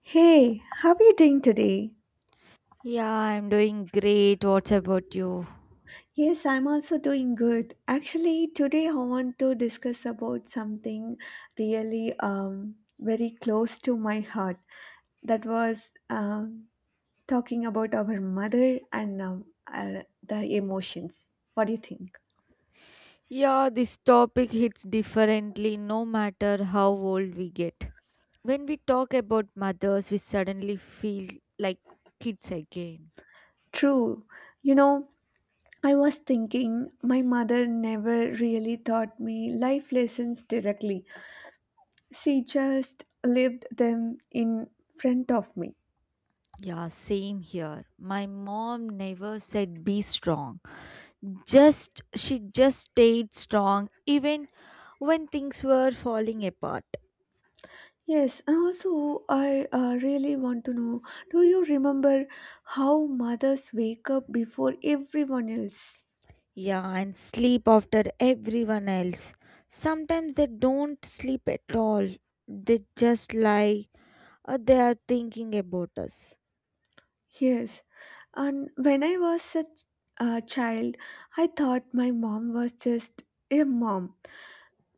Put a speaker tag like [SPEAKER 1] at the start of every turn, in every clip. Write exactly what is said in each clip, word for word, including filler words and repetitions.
[SPEAKER 1] Hey, how are you doing today?
[SPEAKER 2] Yeah, I'm doing great. What's about you?
[SPEAKER 1] Yes, I'm also doing good. Actually, today I want to discuss about something really um, very close to my heart. That was um, talking about our mother and um, uh, the emotions. What do you think?
[SPEAKER 2] Yeah, this topic hits differently no matter how old we get. When we talk about mothers, we suddenly feel like kids again.
[SPEAKER 1] True. You know, I was thinking my mother never really taught me life lessons directly. She just lived them in front of me.
[SPEAKER 2] Yeah, same here. My mom never said be strong. Just she just stayed strong even when things were falling apart.
[SPEAKER 1] Yes, and also I uh, really want to know do you remember how mothers wake up before everyone else?
[SPEAKER 2] Yeah, and sleep after everyone else. Sometimes they don't sleep at all. They just lie or they are thinking about us.
[SPEAKER 1] Yes, and when I was a ch- a child, I thought my mom was just a mom,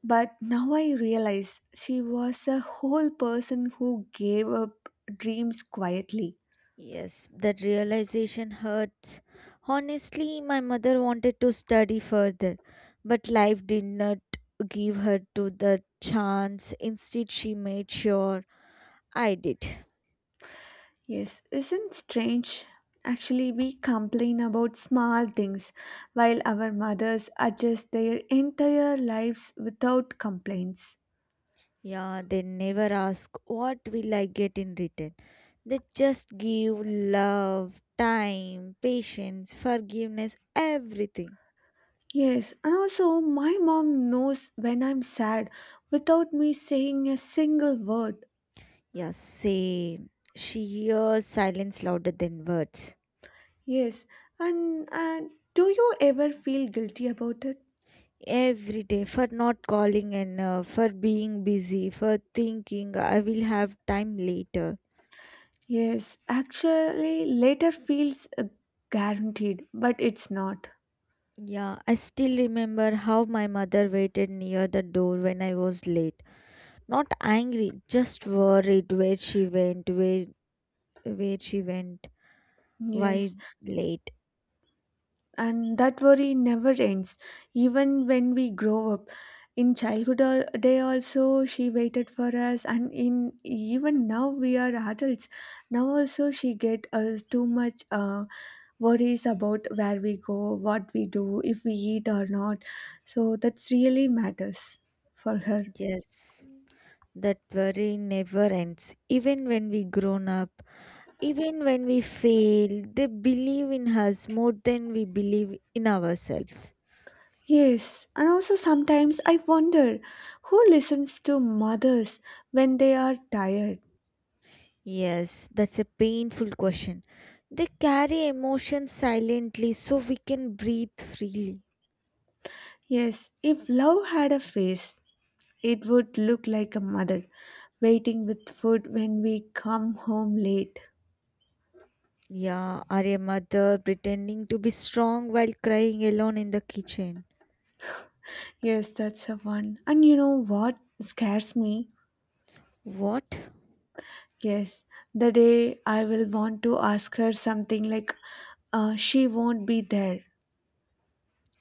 [SPEAKER 1] but now I realize she was a whole person who gave up dreams quietly.
[SPEAKER 2] Yes, that realization hurts. Honestly, my mother wanted to study further, but life did not give her to the chance. Instead, she made sure I did.
[SPEAKER 1] Yes, isn't strange? Actually, we complain about small things while our mothers adjust their entire lives without complaints.
[SPEAKER 2] Yeah, they never ask what will I get in return. They just give love, time, patience, forgiveness, everything.
[SPEAKER 1] Yes, and also my mom knows when I'm sad without me saying a single word.
[SPEAKER 2] Yeah, same. She hears silence louder than words.
[SPEAKER 1] Yes, and uh, do you ever feel guilty about it?
[SPEAKER 2] Every day for not calling enough, for being busy, for thinking I will have time later.
[SPEAKER 1] Yes, actually, later feels uh, guaranteed, but it's not.
[SPEAKER 2] Yeah, I still remember how my mother waited near the door when I was late. Not angry, just worried where she went, where where she went, why
[SPEAKER 1] Yes,
[SPEAKER 2] late?
[SPEAKER 1] and that worry never ends even when we grow up in childhood al- day also she waited for us and in even now we are adults now also she get uh, too much uh, worries about where we go, what we do, if we eat or not, so that's really matters for her.
[SPEAKER 2] Yes, that worry never ends. Even when we grown up, even when we fail, they believe in us more than we believe in ourselves.
[SPEAKER 1] Yes, and also sometimes I wonder who listens to mothers when they are tired.
[SPEAKER 2] Yes, that's a painful question. They carry emotions silently so we can breathe freely.
[SPEAKER 1] Yes, if love had a face, it would look like a mother waiting with food when we come home late.
[SPEAKER 2] Yeah, are a mother pretending to be strong while crying alone in the kitchen.
[SPEAKER 1] Yes, that's a one. And you know what scares me?
[SPEAKER 2] What?
[SPEAKER 1] Yes, the day I will want to ask her something like uh, she won't be there.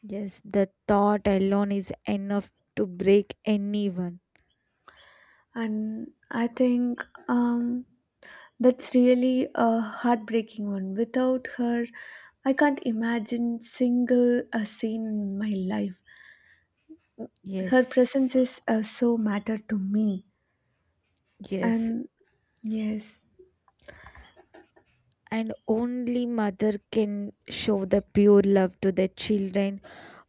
[SPEAKER 2] Yes, the thought alone is enough to break anyone.
[SPEAKER 1] And I think um, that's really a heartbreaking one. Without her, I can't imagine single a scene in my life. Her presence
[SPEAKER 2] Yes,
[SPEAKER 1] is uh, so matter to me.
[SPEAKER 2] yes.
[SPEAKER 1] And yes,
[SPEAKER 2] And only mother can show the pure love to the children.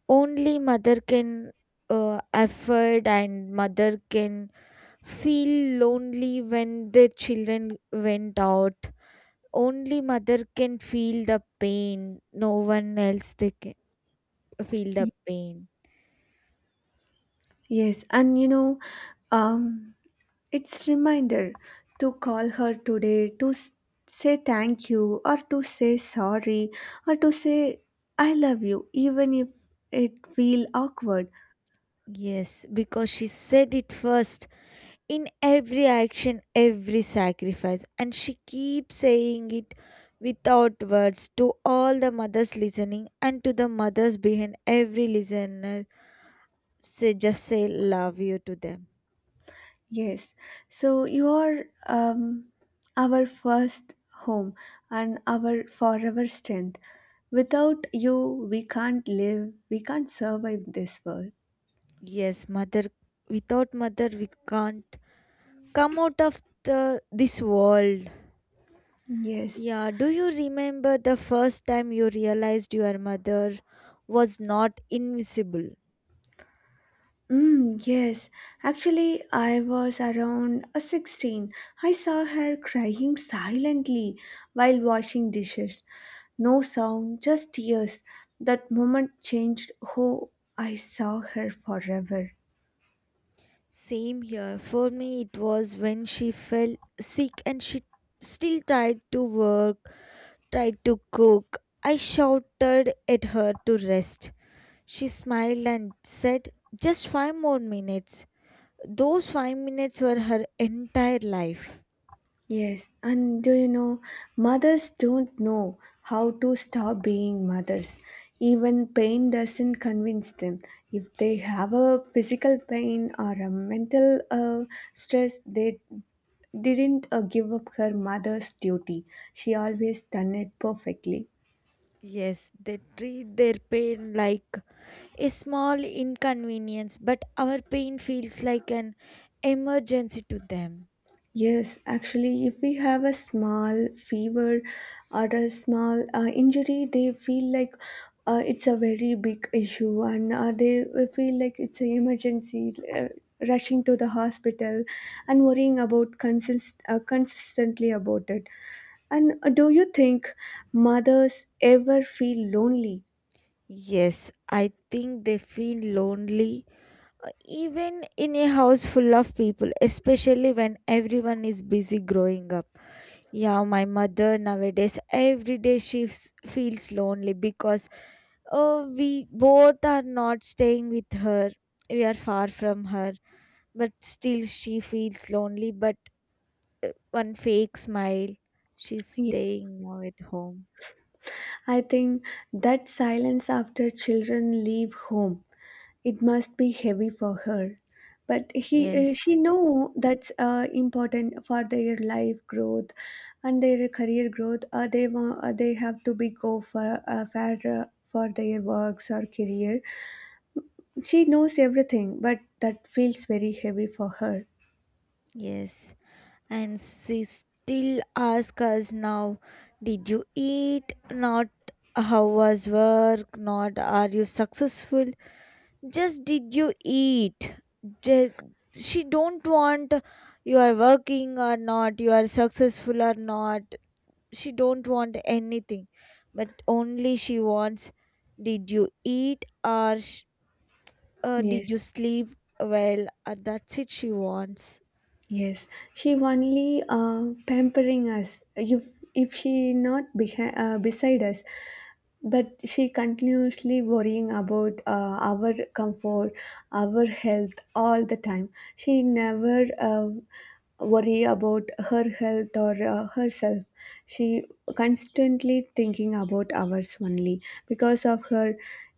[SPEAKER 2] Only mother can uh, afford, and mother can feel lonely when their children went out. Only mother can feel the pain. No one else they can feel the pain.
[SPEAKER 1] yes, and you know, um, it's reminder to call her today to s- say thank you or to say sorry or to say I love you, even if it feel awkward.
[SPEAKER 2] Yes, because she said it first, in every action, every sacrifice. And she keeps saying it without words to all the mothers listening and to the mothers behind every listener. Say just say love you to them.
[SPEAKER 1] Yes, so you are um, our first home and our forever strength. Without you, we can't live, we can't survive this world.
[SPEAKER 2] Yes, mother without mother we can't come out of the this world.
[SPEAKER 1] Yes.
[SPEAKER 2] Yeah, do you remember the first time you realized your mother was not invisible?
[SPEAKER 1] Mm, yes, actually, I was around uh, sixteen. I saw her crying silently while washing dishes. No sound, just tears. That moment changed who I saw her forever.
[SPEAKER 2] Same here. For me, it was when she fell sick and she still tried to work, tried to cook. I shouted at her to rest. She smiled and said, "Just five more minutes." Those five minutes were her entire life.
[SPEAKER 1] Yes, and do you know, mothers don't know how to stop being mothers. Even pain doesn't convince them. If they have a physical pain or a mental uh, stress, they didn't uh, give up her mother's duty. She always done it perfectly.
[SPEAKER 2] Yes, they treat their pain like a small inconvenience, but our pain feels like an emergency to them.
[SPEAKER 1] Yes, actually, if we have a small fever or a small uh, injury, they feel like uh, it's a very big issue and uh, they feel like it's an emergency, uh, rushing to the hospital and worrying about consist- uh, consistently about it. And uh, do you think mothers ever feel lonely?
[SPEAKER 2] Yes, I think they feel lonely even in a house full of people, especially when everyone is busy growing up. Yeah, my mother nowadays, every day she f- feels lonely because, oh, we both are not staying with her. We are far from her, but still she feels lonely. But uh, one fake smile, she's staying now at home.
[SPEAKER 1] I think that silence after children leave home, it must be heavy for her. But he, uh, she
[SPEAKER 2] Yes,
[SPEAKER 1] know that's uh, important for their life growth and their career growth. Uh, they want, uh, they have to be go for uh, fair uh, for their works or career. She knows everything, but that feels very heavy for her.
[SPEAKER 2] yes. And she still asks us now, did you eat? Not how was work, not are you successful, just did you eat. Ju- she don't want you are working or not, you are successful or not, she don't want anything, but only she wants did you eat? Or sh- uh,
[SPEAKER 1] Yes,
[SPEAKER 2] did you sleep well? Or that's it she wants.
[SPEAKER 1] yes. She only uh, pampering us. If if she not behind, uh, beside us, but she continuously worrying about uh, our comfort, our health, all the time. She never uh, worry about her health or uh, herself. She constantly thinking about ours only. Because of her,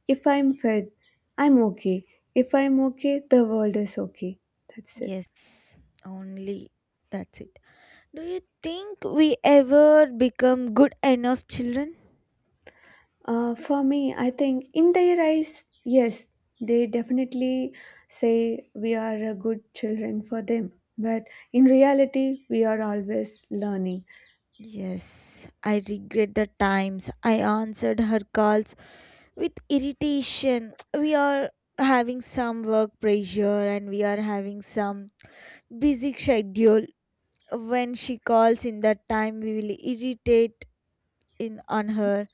[SPEAKER 1] if I'm fed, I'm okay. If I'm okay, the world is okay. That's it.
[SPEAKER 2] Yes, only, that's it. Do you think we ever become good enough children?
[SPEAKER 1] Uh, for me, I think in their eyes, yes, they definitely say we are a good children for them. But in reality, we are always learning.
[SPEAKER 2] Yes, I regret the times I answered her calls with irritation. We are having some work pressure and we are having some busy schedule. When she calls in that time, we will irritate in on her.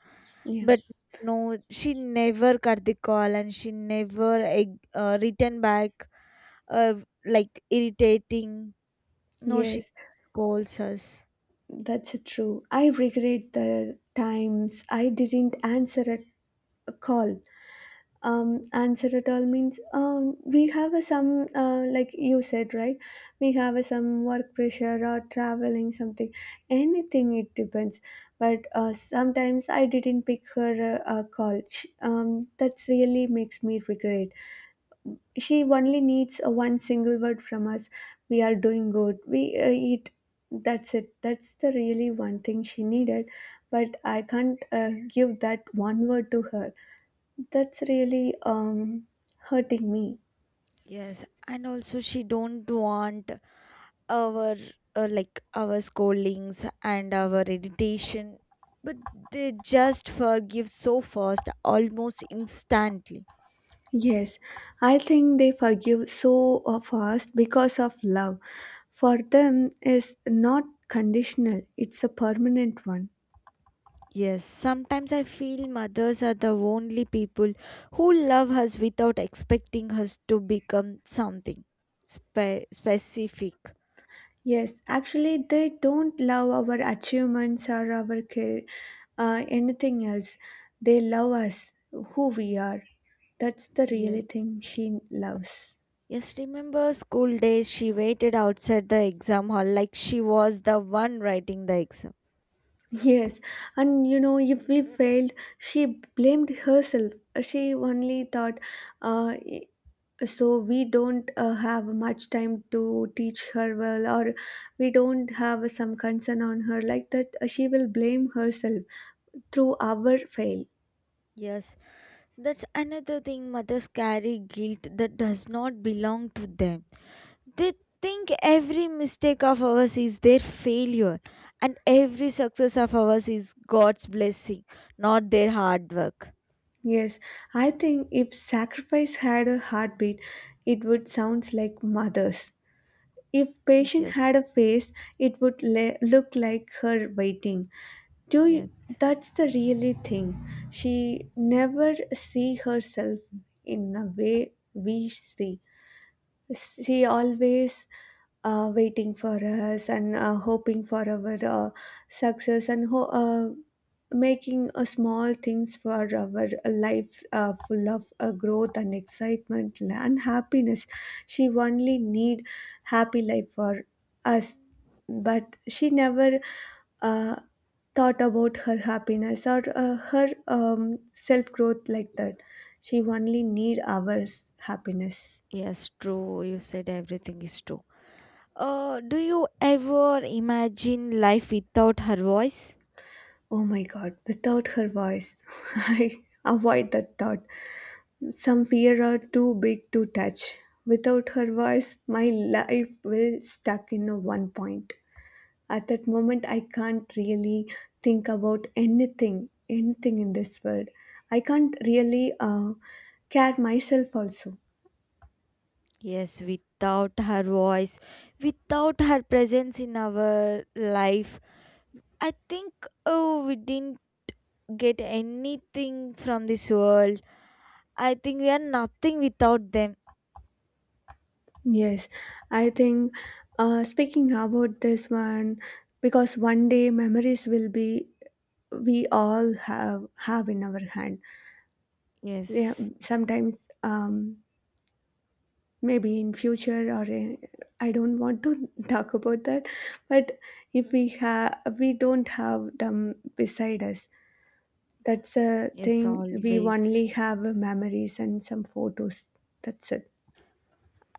[SPEAKER 1] Yeah,
[SPEAKER 2] But no, she never cut the call, and she never eh, uh, written back uh, like irritating. No, she
[SPEAKER 1] yes,
[SPEAKER 2] scolds us.
[SPEAKER 1] that's true. I regret the times I didn't answer a a call. Um, answerable means um, we have a some uh, like you said right, we have a some work pressure or traveling something, anything it depends. But uh, sometimes I didn't pick her uh, uh, call she, um, that's really makes me regret. She only needs uh, one single word from us, we are doing good, we uh, eat. That's it, that's the really one thing she needed, but I can't uh, give that one word to her. That's really um, hurting me.
[SPEAKER 2] Yes, and also she don't want our uh, like our scoldings and our irritation, but they just forgive so fast, almost instantly.
[SPEAKER 1] Yes, I think they forgive so uh, fast because of love. For them is not conditional, it's a permanent one.
[SPEAKER 2] Yes, sometimes I feel mothers are the only people who love us without expecting us to become something spe- specific.
[SPEAKER 1] Yes, actually they don't love our achievements or our care, uh, anything else. They love us, who we are. That's the really
[SPEAKER 2] Yes.
[SPEAKER 1] thing she loves.
[SPEAKER 2] Yes, remember school days she waited outside the exam hall like she was the one writing the exam.
[SPEAKER 1] Yes, and you know, if we failed, she blamed herself. She only thought, uh, so we don't uh, have much time to teach her well, or we don't have some concern on her. Like that, uh, she will blame herself through our fail.
[SPEAKER 2] Yes, that's another thing mothers carry guilt that does not belong to them. They think every mistake of ours is their failure and every success of ours is God's blessing, not their hard work.
[SPEAKER 1] Yes, I think if sacrifice had a heartbeat, it would sound like mothers. If patient
[SPEAKER 2] Yes,
[SPEAKER 1] had a face, it would le- look like her waiting. Do you,
[SPEAKER 2] yes,
[SPEAKER 1] that's the really thing. She never see herself in a way we see, she always uh, waiting for us and uh, hoping for our uh, success and ho- uh, making uh, small things for our life uh, full of uh, growth and excitement and happiness. She only need happy life for us, but she never uh, thought about her happiness or uh, her um, self growth like that. She only need ours happiness.
[SPEAKER 2] yes, true. You said everything is true. Uh, do you ever imagine life without her voice?
[SPEAKER 1] Oh my god, without her voice, I avoid that thought. Some fear are too big to touch. Without her voice, my life will stuck in a one point. At that moment, I can't really think about anything, anything in this world. I can't really uh, care myself also.
[SPEAKER 2] Yes, without her voice, without her presence in our life, I think, oh, we didn't get anything from this world. I think we are nothing without them.
[SPEAKER 1] Yes, I think uh, speaking about this one, because one day memories will be we all have have in our hand. Yeah,
[SPEAKER 2] Yes,
[SPEAKER 1] sometimes um, maybe in future or in, I don't want to talk about that, but if we have we don't have them beside us, that's a
[SPEAKER 2] yes,
[SPEAKER 1] thing. We
[SPEAKER 2] always.
[SPEAKER 1] only have memories and some photos. That's it.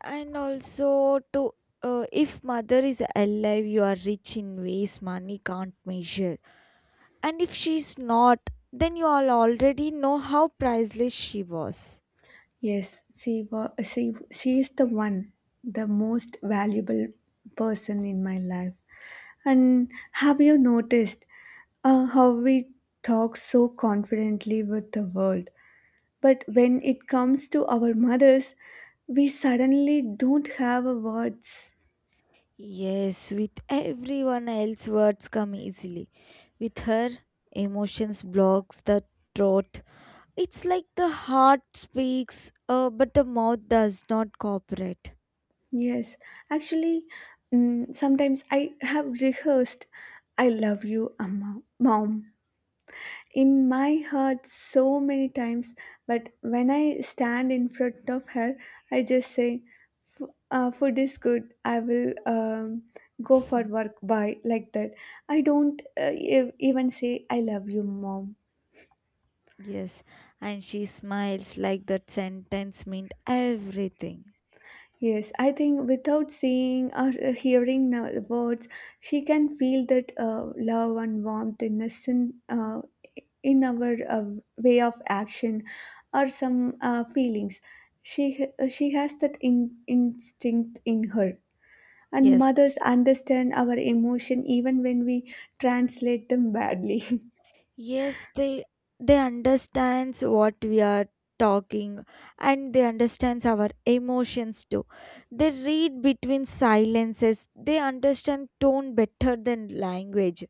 [SPEAKER 2] And also, to uh, if mother is alive, you are rich in ways money can't measure. And if she's not, then you all already know how priceless she was.
[SPEAKER 1] Yes, she was she she is the one, the most valuable person in my life. And have you noticed uh, how we talk so confidently with the world? But when it comes to our mothers, we suddenly don't have a words.
[SPEAKER 2] Yes, with everyone else, words come easily. With her, emotions blocks the throat. It's like the heart speaks, uh, but the mouth does not cooperate.
[SPEAKER 1] Yes, actually, mm, sometimes I have rehearsed, "I love you, Amma, mom," in my heart so many times, but when I stand in front of her I just say, "F- uh, Food is good, I will um, go for work, bye," like that. I don't uh, ev- even say I love you mom.
[SPEAKER 2] Yes, and she smiles like that sentence meant everything.
[SPEAKER 1] Yes, I think without seeing or uh, hearing no- words, she can feel that uh, love and warmth in a sin, uh, in our uh, way of action or some uh, feelings. She she has that in, instinct in her, and
[SPEAKER 2] Yes,
[SPEAKER 1] mothers understand our emotion even when we translate them badly.
[SPEAKER 2] yes, they they understands what we are talking, and they understands our emotions too. They read between silences. They understand tone better than language.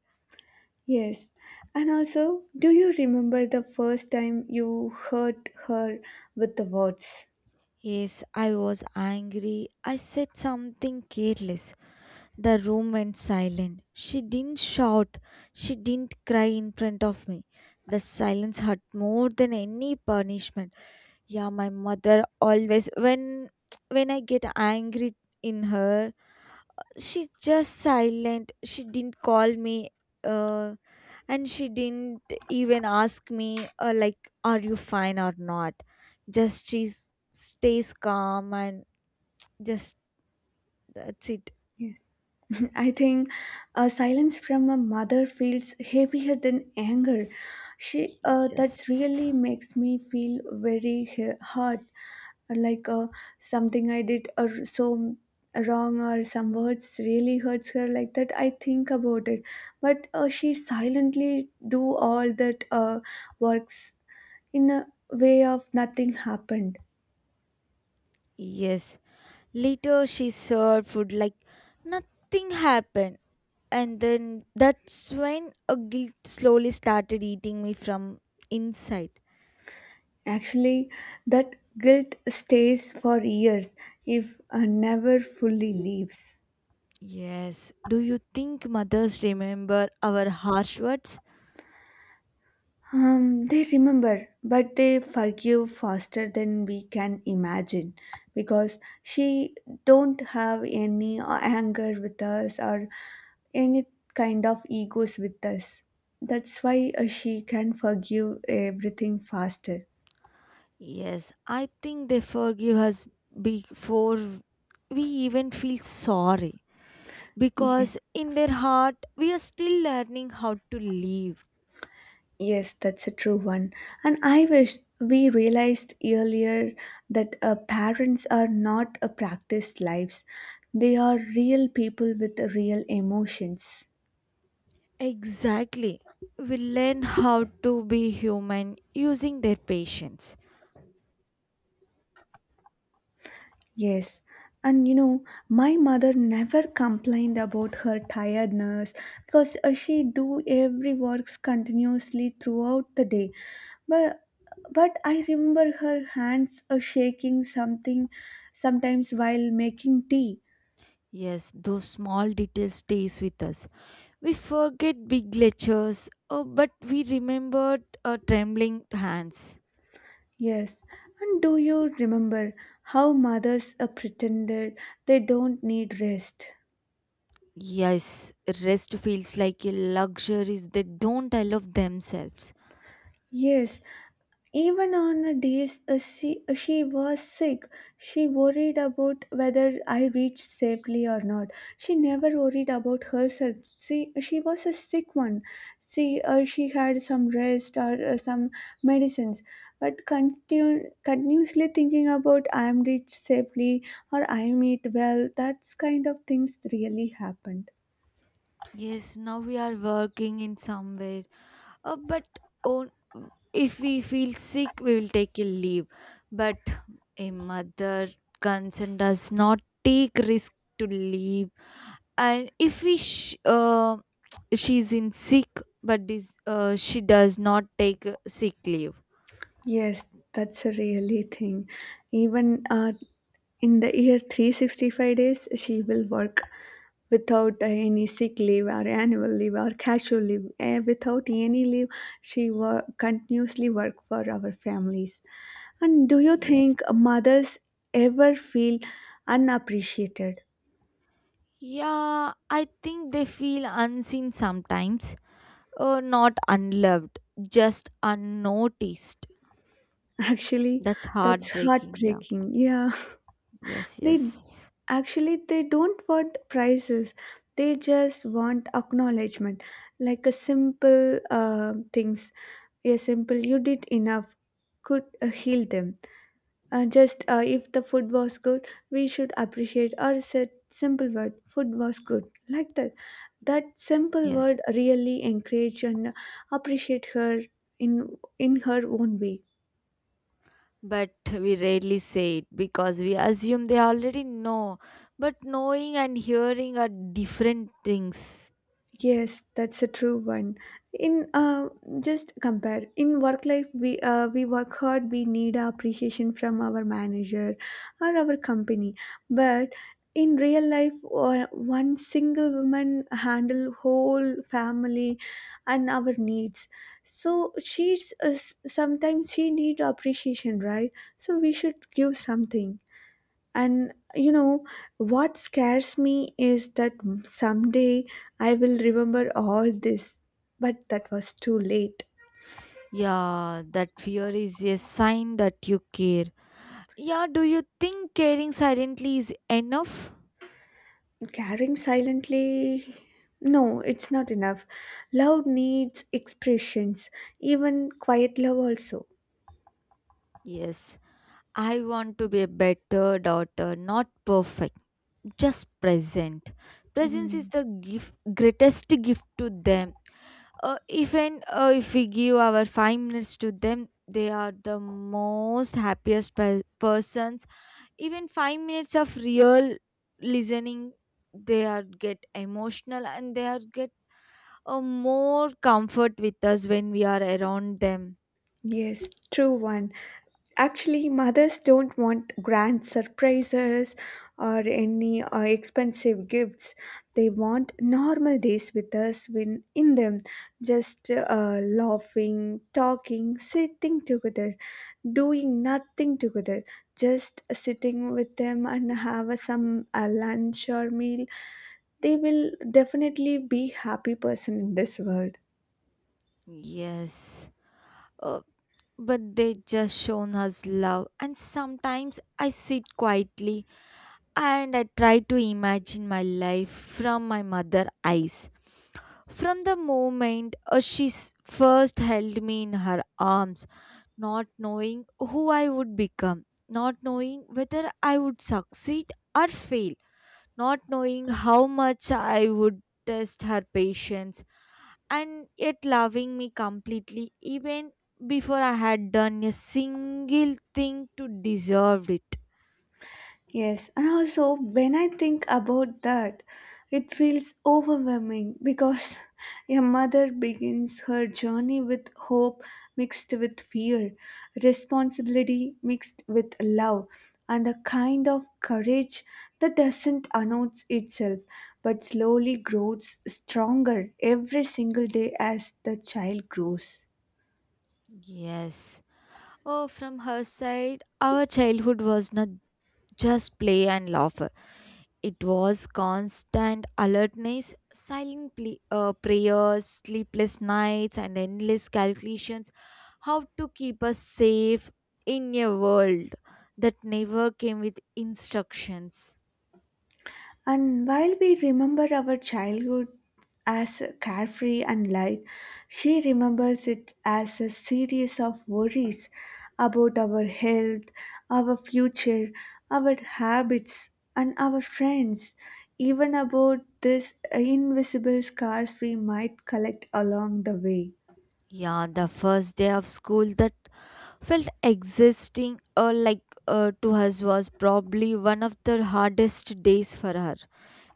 [SPEAKER 1] Yes, and also, do you remember the first time you hurt her with the words?
[SPEAKER 2] Yes, I was angry. I said something careless. The room went silent. She didn't shout. She didn't cry in front of me. The silence hurt more than any punishment. Yeah, my mother always when when I get angry in her, she's just silent. She didn't call me uh and she didn't even ask me uh, like are you fine or not. Just she s- stays calm and just that's it.
[SPEAKER 1] Yes. I think uh, silence from a mother feels heavier than anger. She uh, that really
[SPEAKER 2] Yes.
[SPEAKER 1] makes me feel very he- hurt, like uh, something I did or so wrong or some words really hurts her like that. I think about it, but uh, she silently do all that uh, works in a way of nothing happened.
[SPEAKER 2] Yes. Later, she served food like nothing happened. And then that's when a guilt slowly started eating me from inside.
[SPEAKER 1] Actually, that guilt stays for years, if uh, never fully leaves.
[SPEAKER 2] Yes. Do you think mothers remember our harsh words?
[SPEAKER 1] Um, they remember, but they forgive faster than we can imagine because she don't have any uh, anger with us or any kind of egos with us. That's why uh, she can forgive everything faster.
[SPEAKER 2] Yes. I think they forgive us before we even feel sorry.
[SPEAKER 1] Yes.
[SPEAKER 2] Because in their heart, we are still learning how to live.
[SPEAKER 1] Yes, that's a true one. And I wish we realized earlier that uh, parents are not a practiced lives. They are real people with real emotions.
[SPEAKER 2] Exactly. We learn how to be human using their patience.
[SPEAKER 1] Yes. And you know, my mother never complained about her tiredness because uh, she do every works continuously throughout the day. But but I remember her hands uh, shaking something sometimes while making tea.
[SPEAKER 2] Yes, those small details stays with us. We forget big lectures, oh, but we remembered our trembling hands.
[SPEAKER 1] Yes, and do you remember how mothers uh, pretended they don't need rest?
[SPEAKER 2] Yes, rest feels like a luxury they don't allow themselves.
[SPEAKER 1] Yes, even on the days uh, she, uh, she was sick, she worried about whether I reached safely or not. She never worried about herself. See, she was a sick one. See, uh, she had some rest or uh, some medicines, but continu- continuously thinking about I am reached safely or I am eat well. That's kind of things really happened.
[SPEAKER 2] Yes, now we are working in somewhere, uh, but on, if we feel sick we will take a leave, but a mother concern does not take risk to leave, and if we sh- uh, she's in sick, but this uh, she does not take uh, sick leave.
[SPEAKER 1] Yes, that's a really thing. Even uh, in the year three hundred sixty-five days, she will work without any sick leave or annual leave or casual leave. Eh, without any leave, she wo- continuously work for our families. And do you
[SPEAKER 2] Yes.
[SPEAKER 1] think mothers ever feel unappreciated?
[SPEAKER 2] Yeah, I think they feel unseen sometimes, uh, not unloved, just unnoticed.
[SPEAKER 1] Actually,
[SPEAKER 2] That's
[SPEAKER 1] that's
[SPEAKER 2] heartbreaking. Yeah.
[SPEAKER 1] heartbreaking. Yeah,
[SPEAKER 2] Yes,
[SPEAKER 1] they
[SPEAKER 2] yes,
[SPEAKER 1] actually they don't want prizes. They just want acknowledgement, like a simple uh, things. A simple "you did enough" could uh, heal them. Uh, just uh, if the food was good, we should appreciate or said simple word "food was good" like that. That simple
[SPEAKER 2] yes,
[SPEAKER 1] word really encourage and appreciate her in in her own way.
[SPEAKER 2] but we rarely say it because we assume they already know. But knowing and hearing are different things.
[SPEAKER 1] Yes, that's a true one. In uh, just compare in work life, we uh, we work hard. We need appreciation from our manager or our company. But in real life, uh, one single woman handle whole family and our needs. So she's uh, s- sometimes she need appreciation, right? So we should give something. And you know, what scares me is that someday I will remember all this. But that was too late.
[SPEAKER 2] Yeah, that fear is a sign that you care. Yeah, do you think caring silently is enough?
[SPEAKER 1] Caring silently, no, it's not enough. Love needs expressions, even quiet love also.
[SPEAKER 2] Yes, I want to be a better daughter, not perfect, just present. Presence is
[SPEAKER 1] Mm,
[SPEAKER 2] the gift, greatest gift to them. Uh, even uh, if we give our five minutes to them, they are the most happiest pe- persons. Even five minutes of real listening, they are get emotional and they are get a more comfort with us when we are around them.
[SPEAKER 1] yes, true one. Actually, mothers don't want grand surprises or any uh, expensive gifts. They want normal days with us when in them, just uh, laughing, talking, sitting together, doing nothing together, just sitting with them and have a, some a lunch or meal. They will definitely be happy person in this world.
[SPEAKER 2] Yes. Uh, but they just shown us love. And sometimes I sit quietly and I try to imagine my life from my mother eyes. From the moment uh, she s- first held me in her arms, not knowing who I would become, not knowing whether I would succeed or fail, not knowing how much I would test her patience, and yet loving me completely even before I had done a single thing to deserve it.
[SPEAKER 1] Yes, and also when I think about that, it feels overwhelming because your mother begins her journey with hope mixed with fear, responsibility mixed with love, and a kind of courage that doesn't announce itself but slowly grows stronger every single day as the child grows.
[SPEAKER 2] Yes. Oh, from her side, our childhood was not just play and laughter. It was constant alertness, silent ple- uh, prayers, sleepless nights, and endless calculations how to keep us safe in a world that never came with instructions.
[SPEAKER 1] And while we remember our childhood as carefree and light, she remembers it as a series of worries about our health, our future, our habits, and our friends, even about these invisible scars we might collect along the way.
[SPEAKER 2] Yeah, the first day of school that felt existing uh, like uh, to us was probably one of the hardest days for her.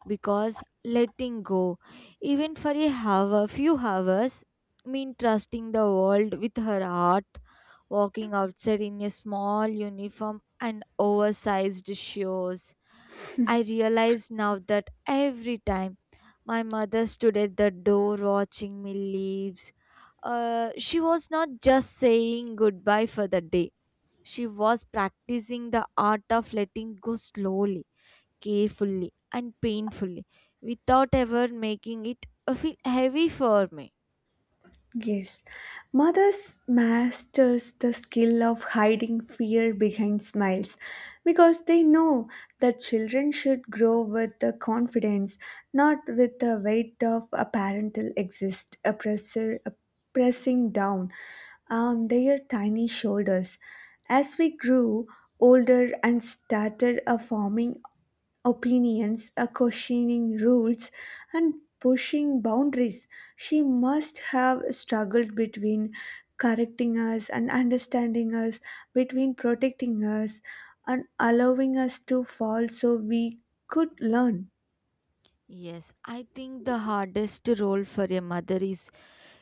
[SPEAKER 2] Because letting go, even for a hour, few hours, mean trusting the world with her heart, walking outside in a small uniform and oversized shoes. I realize now that every time my mother stood at the door watching me leave, uh, she was not just saying goodbye for the day. She was practicing the art of letting go slowly, carefully, and painfully without ever making it uh, feel heavy for me.
[SPEAKER 1] Yes, mothers masters the skill of hiding fear behind smiles because they know that children should grow with the confidence, not with the weight of a parental exist a pressure a pressing down on their tiny shoulders. As we grew older and started a forming opinions, uh, questioning rules, and pushing boundaries. She must have struggled between correcting us and understanding us, between protecting us and allowing us to fall so we could learn.
[SPEAKER 2] Yes, I think the hardest role for a mother is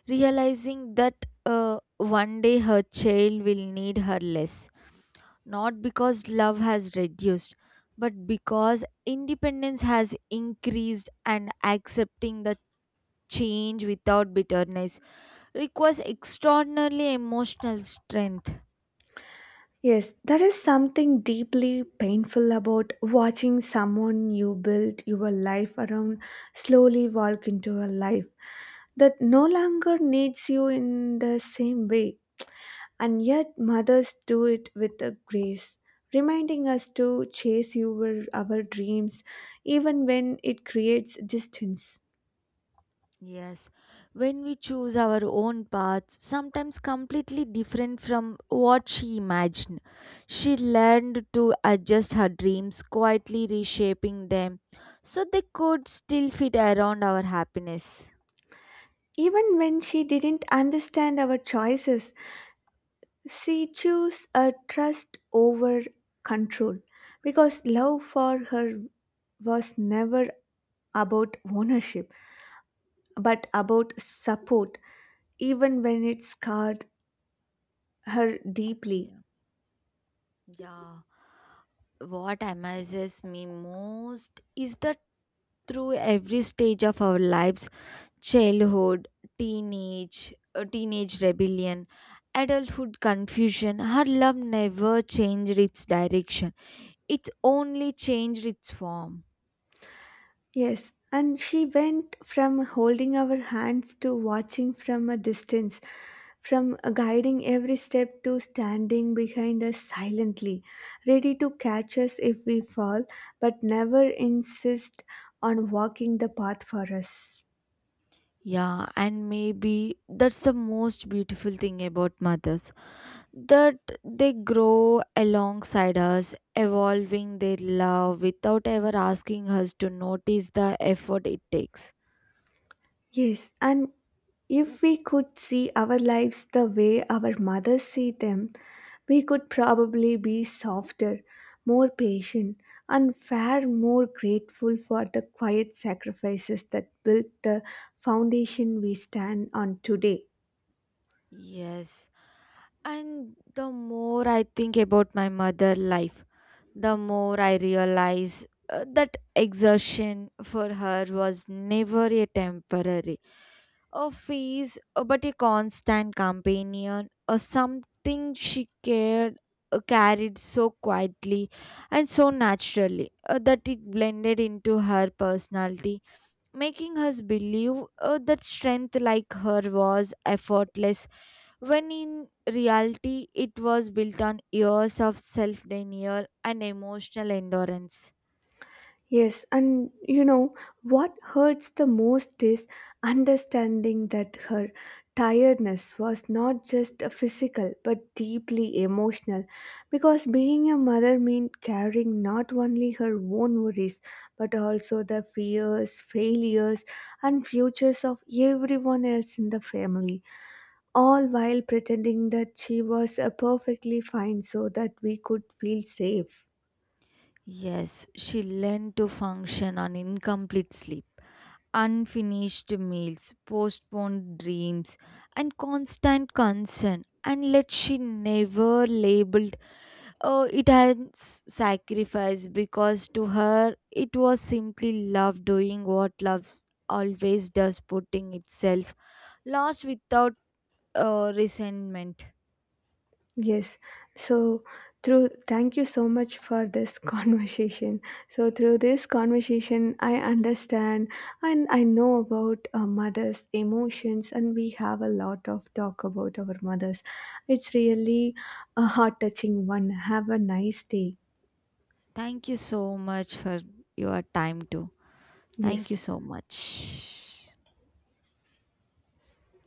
[SPEAKER 2] realizing that uh, one day her child will need her less. Not because love has reduced, but because independence has increased, and accepting the change without bitterness requires extraordinarily emotional strength.
[SPEAKER 1] Yes, there is something deeply painful about watching someone you built your life around slowly walk into a life that no longer needs you in the same way. And yet, mothers do it with a grace, reminding us to chase our, our dreams even when it creates distance.
[SPEAKER 2] Yes, when we choose our own paths, sometimes completely different from what she imagined, she learned to adjust her dreams, quietly reshaping them so they could still fit around our happiness.
[SPEAKER 1] Even when she didn't understand our choices, she chose a trust over control because love for her was never about ownership but about support, even when it scarred her deeply.
[SPEAKER 2] Yeah. Yeah. What amazes me most is that through every stage of our lives, childhood, teenage, uh, teenage rebellion, adulthood confusion, her love never changed its direction. It's only changed its form.
[SPEAKER 1] Yes, and she went from holding our hands to watching from a distance, from guiding every step to standing behind us silently, ready to catch us if we fall, but never insist on walking the path for us.
[SPEAKER 2] Yeah, and maybe that's the most beautiful thing about mothers, that they grow alongside us, evolving their love without ever asking us to notice the effort it takes.
[SPEAKER 1] Yes, and if we could see our lives the way our mothers see them, we could probably be softer, more patient, and far more grateful for the quiet sacrifices that built the foundation we stand on today.
[SPEAKER 2] Yes, and the more I think about my mother life, the more I realize uh, that exertion for her was never a temporary a phase, uh, but a constant companion, or something she cared uh, carried so quietly and so naturally, uh, that it blended into her personality, making us believe uh, that strength like her was effortless when in reality it was built on years of self denial and emotional endurance.
[SPEAKER 1] Yes, and you know what hurts the most is understanding that her tiredness was not just a physical but deeply emotional because being a mother meant carrying not only her own worries but also the fears, failures, and futures of everyone else in the family, all while pretending that she was uh, perfectly fine so that we could feel safe.
[SPEAKER 2] Yes, she learned to function on incomplete sleep, unfinished meals, postponed dreams, and constant concern. And yet she never labeled, oh, it as sacrifice, because to her it was simply love doing what love always does, putting itself last without uh, resentment.
[SPEAKER 1] Yes. So through Thank you so much for this conversation. So through this conversation I understand and I know about a mother's emotions and we have a lot of talk about our mothers. It's really a heart touching one. Have a nice day.
[SPEAKER 2] Thank you so much for your time too. Thank
[SPEAKER 1] Yes.
[SPEAKER 2] you so much.